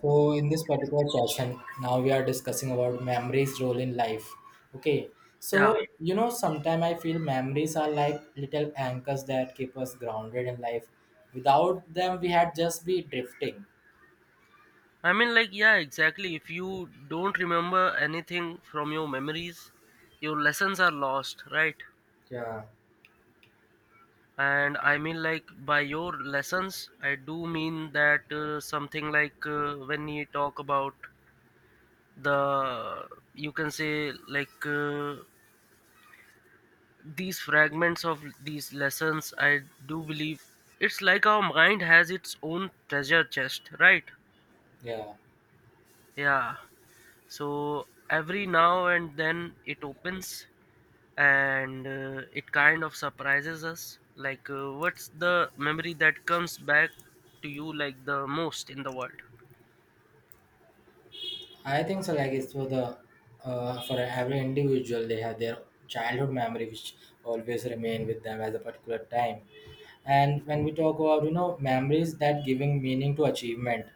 So in this particular session now we are discussing about memories role in life. Okay. So Yeah, you know sometimes I feel memories are like little anchors that keep us grounded in life. Without them we had just be drifting. I mean, like, yeah, exactly. If you don't remember anything from your memories, your lessons are lost, right? Yeah. And I mean, like, by your lessons, I do mean that something like when you talk about the, you can say, like, these fragments of these lessons, I do believe it's like our mind has its own treasure chest, right? Yeah, Yeah. So every now and then it opens and it kind of surprises us like what's the memory that comes back to you like the most in the world? I think so, like it's for the for every individual they have their childhood memory which always remain with them as a particular time. And when we talk about you know memories that giving meaning to achievement,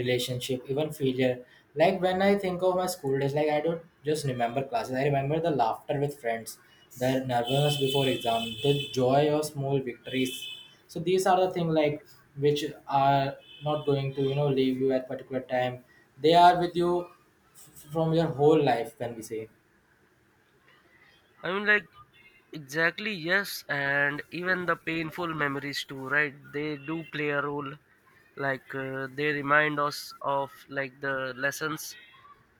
relationship, even failure. Like when I think of my school days, like I don't just remember classes, I remember the laughter with friends, the nervousness before exam, the joy of small victories. So these are the things like which are not going to you know leave you at particular time. They are with you from your whole life, can we say? I mean, like, exactly, yes, and even the painful memories too, right? They do play a role. Like they remind us of like the lessons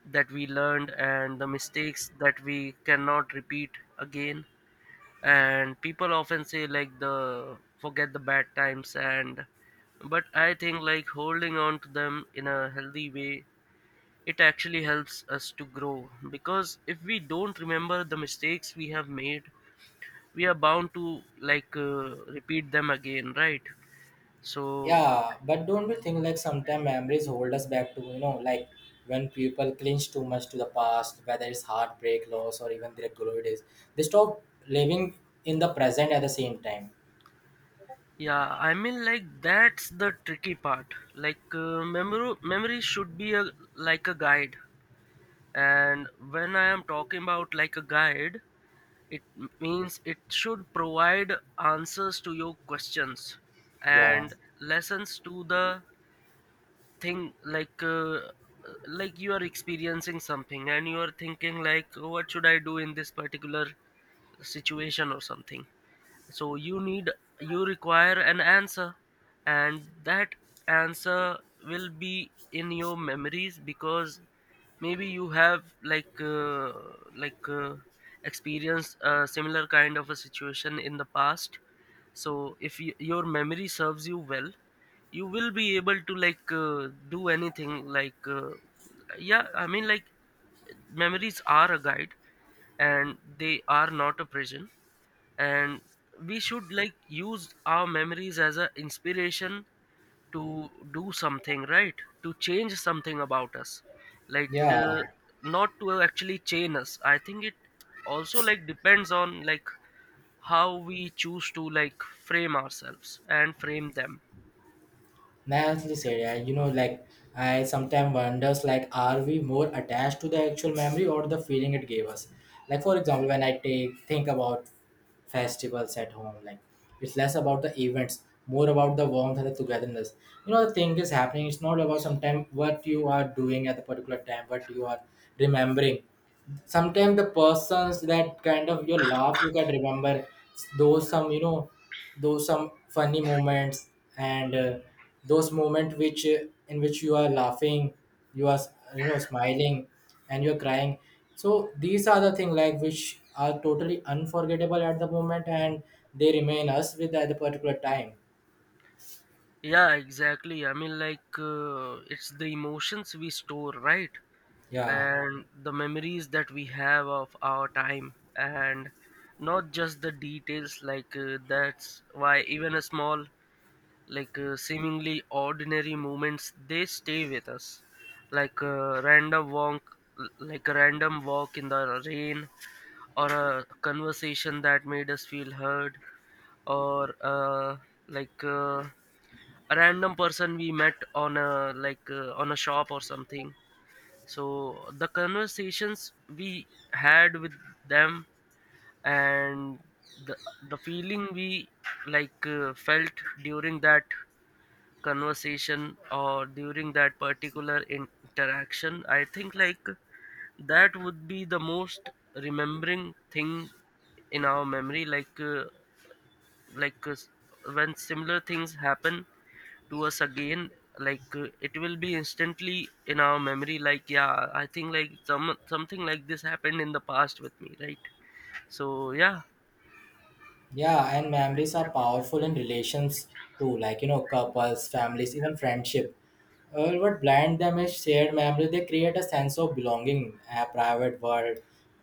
that we learned and the mistakes that we cannot repeat again. And people often say like the forget the bad times and but I think like holding on to them in a healthy way, it actually helps us to grow, because if we don't remember the mistakes we have made, we are bound to like repeat them again, right? So Yeah, but don't you think like sometimes memories hold us back to you know like when people clinch too much to the past, whether it's heartbreak, loss, or even their glory days, they stop living in the present at the same time. yeah, I mean, like, that's the tricky part. Like memory should be a like a guide. And when I am talking about like a guide, it means it should provide answers to your questions, Yeah, and lessons to the thing like you are experiencing something and you are thinking like, "Oh, what should I do in this particular situation or something?" So you need, you require an answer, and that answer will be in your memories, because maybe you have like like uh, experienced a similar kind of a situation in the past. So if your memory serves you well, you will be able to like do anything like yeah, I mean, like, memories are a guide and they are not a prison. And we should like use our memories as a inspiration to do something, right? To change something about us, like yeah. not to actually chain us. I think it also like depends on like how we choose to like frame ourselves and frame them. Naturally said, yeah, you know, like I sometimes wonders like are we more attached to the actual memory or the feeling it gave us? Like for example, when I take think about festivals at home, like it's less about the events, more about the warmth and the togetherness. You know, the thing is happening, it's not about sometimes what you are doing at the particular time, what you are remembering. Sometimes the persons that kind of your laugh you can remember, those some you know those some funny moments, and those moments which in which you are laughing, you are you know smiling, and you're crying. So these are the things like which are totally unforgettable at the moment, and they remain us with at the particular time. Yeah, exactly, I mean, like it's the emotions we store, right? Yeah. And the memories that we have of our time, and not just the details. Like that's why even a small, like seemingly ordinary moments, they stay with us. Like a random walk, like a random walk in the rain, or a conversation that made us feel heard, or like uh, a random person we met on a, like on a shop or something. So the conversations we had with them, and the the feeling we like felt during that conversation or during that particular interaction, I think like that would be the most remembering thing in our memory. Like like uh, s- when similar things happen to us again, like it will be instantly in our memory, like, yeah, I think like some, something like this happened in the past with me, right? So yeah. Yeah, and memories are powerful in relations too, like you know, couples, families, even friendship. What blind them is shared memories. They create a sense of belonging, a private world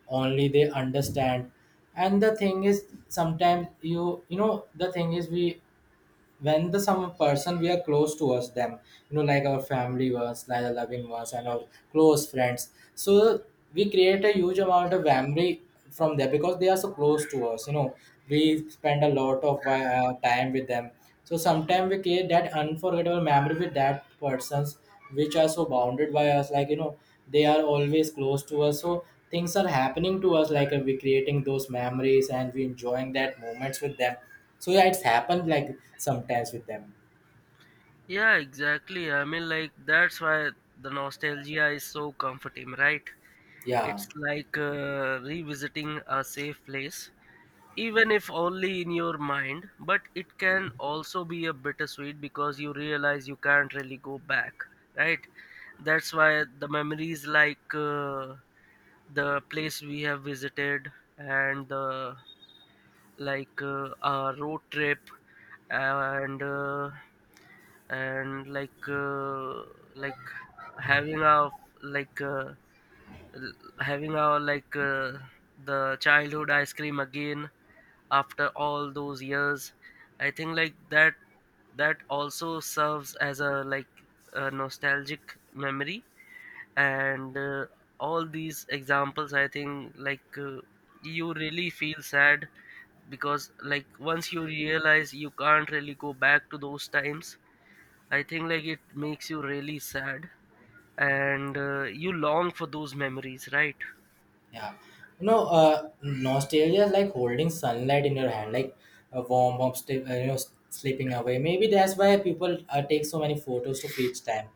only they understand. And the thing is, sometimes you you know the thing is we when the some person we are close towards them, you know like our family was like the loving ones and our close friends. So we create a huge amount of memory from there because they are so close to us, you know. We spend a lot of time with them, so sometimes we create that unforgettable memory with that persons which are so bounded by us, like you know they are always close to us. So things are happening to us, like we creating those memories and we enjoying that moments with them. So yeah, it's happened like sometimes with them. Yeah, exactly, I mean, like, that's why the nostalgia is so comforting, right? Yeah. It's like revisiting a safe place, even if only in your mind, but it can also be a bittersweet because you realize you can't really go back, right? That's why the memories, like the place we have visited, and the, like our road trip, and uh, and like having our like l- having our like the childhood ice cream again after all those years, I think like that, that also serves as a like a nostalgic memory. And all these examples, I think like you really feel sad because like once you realize you can't really go back to those times, I think like it makes you really sad. And you long for those memories, right? Yeah, you know, nostalgia is like holding sunlight in your hand, like a warm, warm, you know, slipping away. Maybe that's why people take so many photos to freeze time.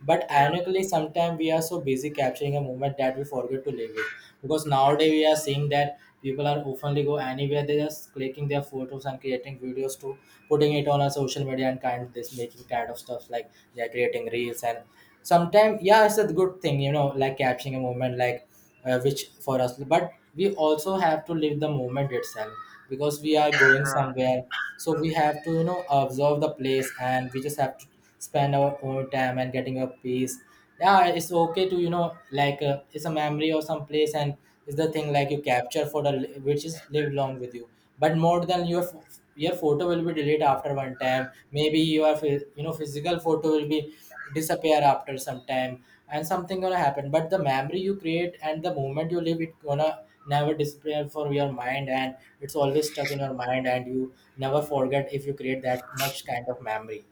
But Yeah. ironically, sometimes we are so busy capturing a moment that we forget to live it. Because nowadays we are seeing that people are openly go anywhere, they just clicking their photos and creating videos to putting it on a social media and kind of this making kind of stuff like they are creating reels. And sometimes yeah, it's a good thing, you know, like capturing a moment like which for us, but we also have to live the moment itself. Because we are going somewhere, so we have to you know observe the place, and we just have to spend our own time and getting a peace. Yeah, it's okay to you know like it's a memory of some place, and it's the thing like you capture for the which is live long with you. But more than your your photo will be deleted after one time, maybe your you know physical photo will be disappear after some time and something gonna happen. But the memory you create and the moment you live it gonna never disappear for your mind, and it's always stuck in your mind and you never forget if you create that much kind of memory.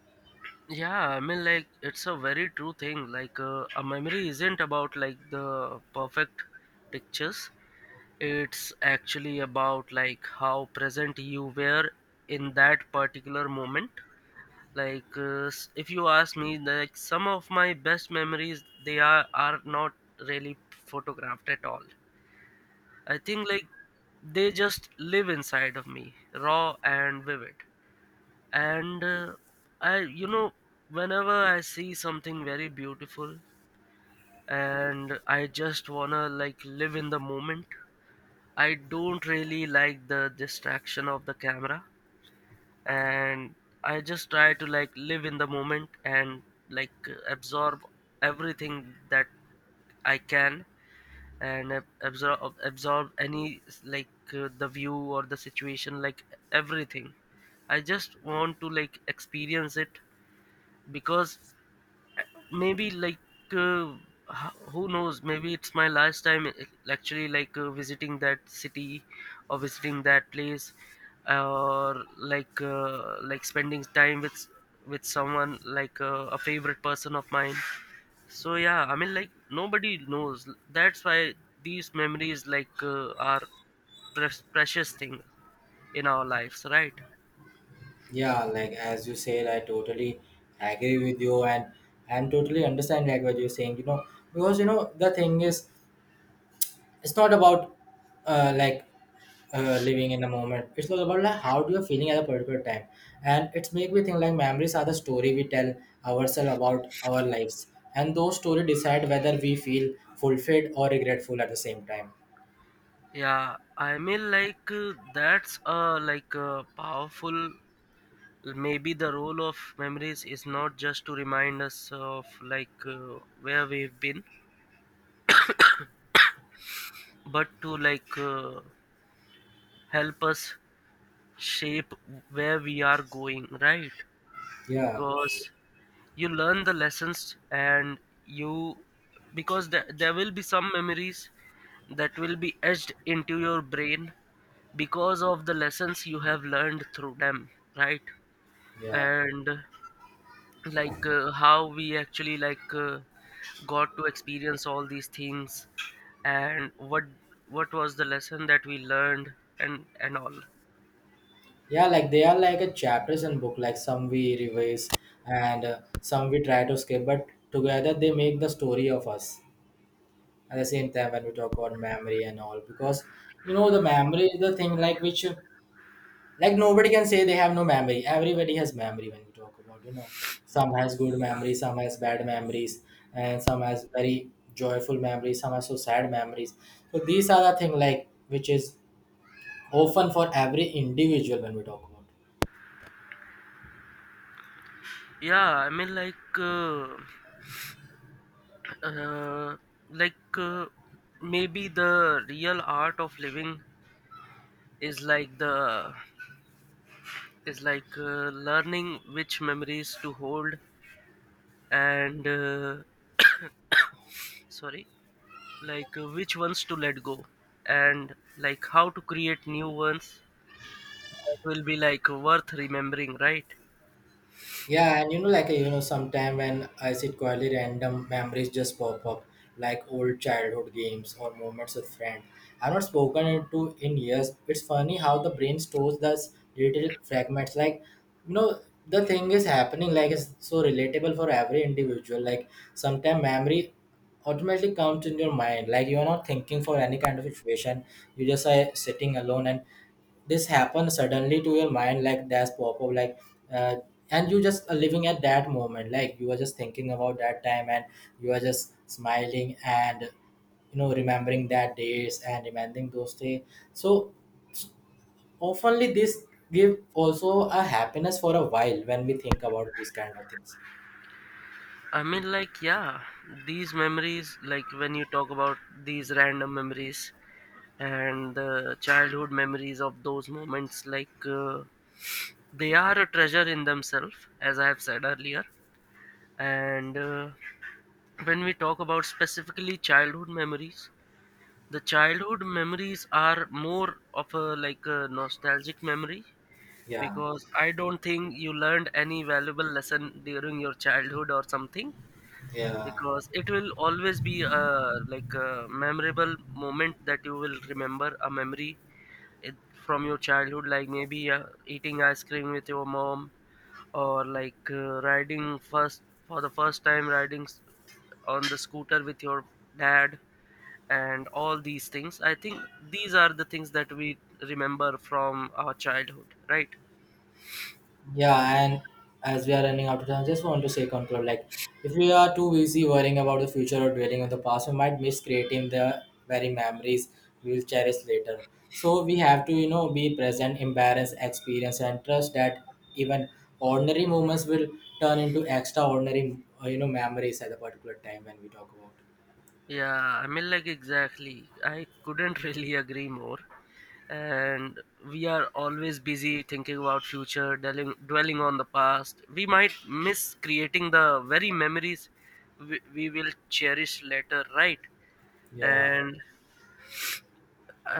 Yeah, I mean, like, it's a very true thing. Like a memory isn't about like the perfect pictures, it's actually about like how present you were in that particular moment. Like if you ask me, like, some of my best memories, they are not really photographed at all. I think like they just live inside of me, raw and vivid. And I, you know, whenever I see something very beautiful, and I just wanna like live in the moment, I don't really like the distraction of the camera. And I just try to like live in the moment, and like absorb everything that I can, and absorb any, like the view or the situation, like, everything. I just want to like experience it, because maybe like uh, who knows, maybe it's my last time actually like visiting that city, or visiting that place, or like spending time with with someone like a favorite person of mine. So yeah, I mean, like, nobody knows, that's why these memories like are precious thing in our lives, right? Yeah, like as you said, I totally agree with you, and I'm totally understand like what you're saying, you know. Because you know the thing is it's not about like living in the moment, it's all about like how you're feeling at a particular time. And it's make me think like memories are the story we tell ourselves about our lives, and those stories decide whether we feel fulfilled or regretful at the same time. Yeah, I mean, like that's a like a powerful. Maybe the role of memories is not just to remind us of like where we've been, but to like help us shape where we are going, right? Yeah. Because you learn the lessons, and you, because there will be some memories that will be etched into your brain because of the lessons you have learned through them, right? Yeah. And like how we actually like got to experience all these things, and what was the lesson that we learned, and all. Yeah, like they are like a chapters in book, like some we revise and some we try to skip, but together they make the story of us. At the same time when we talk about memory and all, because you know the memory is the thing like which like nobody can say they have no memory, everybody has memory. When we talk about you know some has good memories, some has bad memories, and some has very joyful memories, some has so sad memories. So these are the thing like which is often for every individual when we talk about. Yeah, I mean, uh, like maybe the real art of living is like the, is like learning which memories to hold, and sorry, like which ones to let go, and like how to create new ones will be like worth remembering, right? Yeah, and you know, like you know, sometime when I sit quietly, random memories just pop up, like old childhood games or moments with friends I've not spoken it to in years. It's funny how the brain stores those little fragments. Like, you know, the thing is happening. Like, it's so relatable for every individual. Like, sometimes memory automatically comes in your mind. Like, you are not thinking for any kind of situation. You just are sitting alone and this happens suddenly to your mind, like that's pop up like uh, and you just are living at that moment, like you are just thinking about that time and you are just smiling and you know remembering that days and remembering those days. So oftenly this give also a happiness for a while when we think about these kind of things. I mean, like, yeah, these memories, like when you talk about these random memories and the childhood memories of those moments, like they are a treasure in themselves, as I have said earlier. And when we talk about specifically childhood memories, the childhood memories are more of a like a nostalgic memory, Yeah. because I don't think you learned any valuable lesson during your childhood or something, Yeah. because it will always be a like a memorable moment that you will remember, a memory it, from your childhood, like maybe eating ice cream with your mom, or like riding first, for the first time riding on the scooter with your dad. And all these things, I think these are the things that we remember from our childhood, right? Yeah, and as we are running out of time, I just want to say conclude like if we are too busy worrying about the future or dwelling on the past, we might miss creating the very memories we will cherish later. So we have to, you know, be present, embrace, experience, and trust that even ordinary moments will turn into extraordinary, you know, memories at a particular time when we talk about. Yeah, I mean, like, exactly, I couldn't really agree more. And we are always busy thinking about future, dwelling on the past, we might miss creating the very memories we will cherish later, right? Yeah, And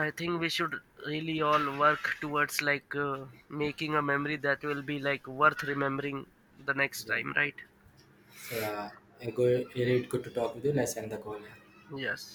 I think we should really all work towards like making a memory that will be like worth remembering the next yeah. time, right? So yeah, really good to talk with you. Let's end the call. Yeah. Yes.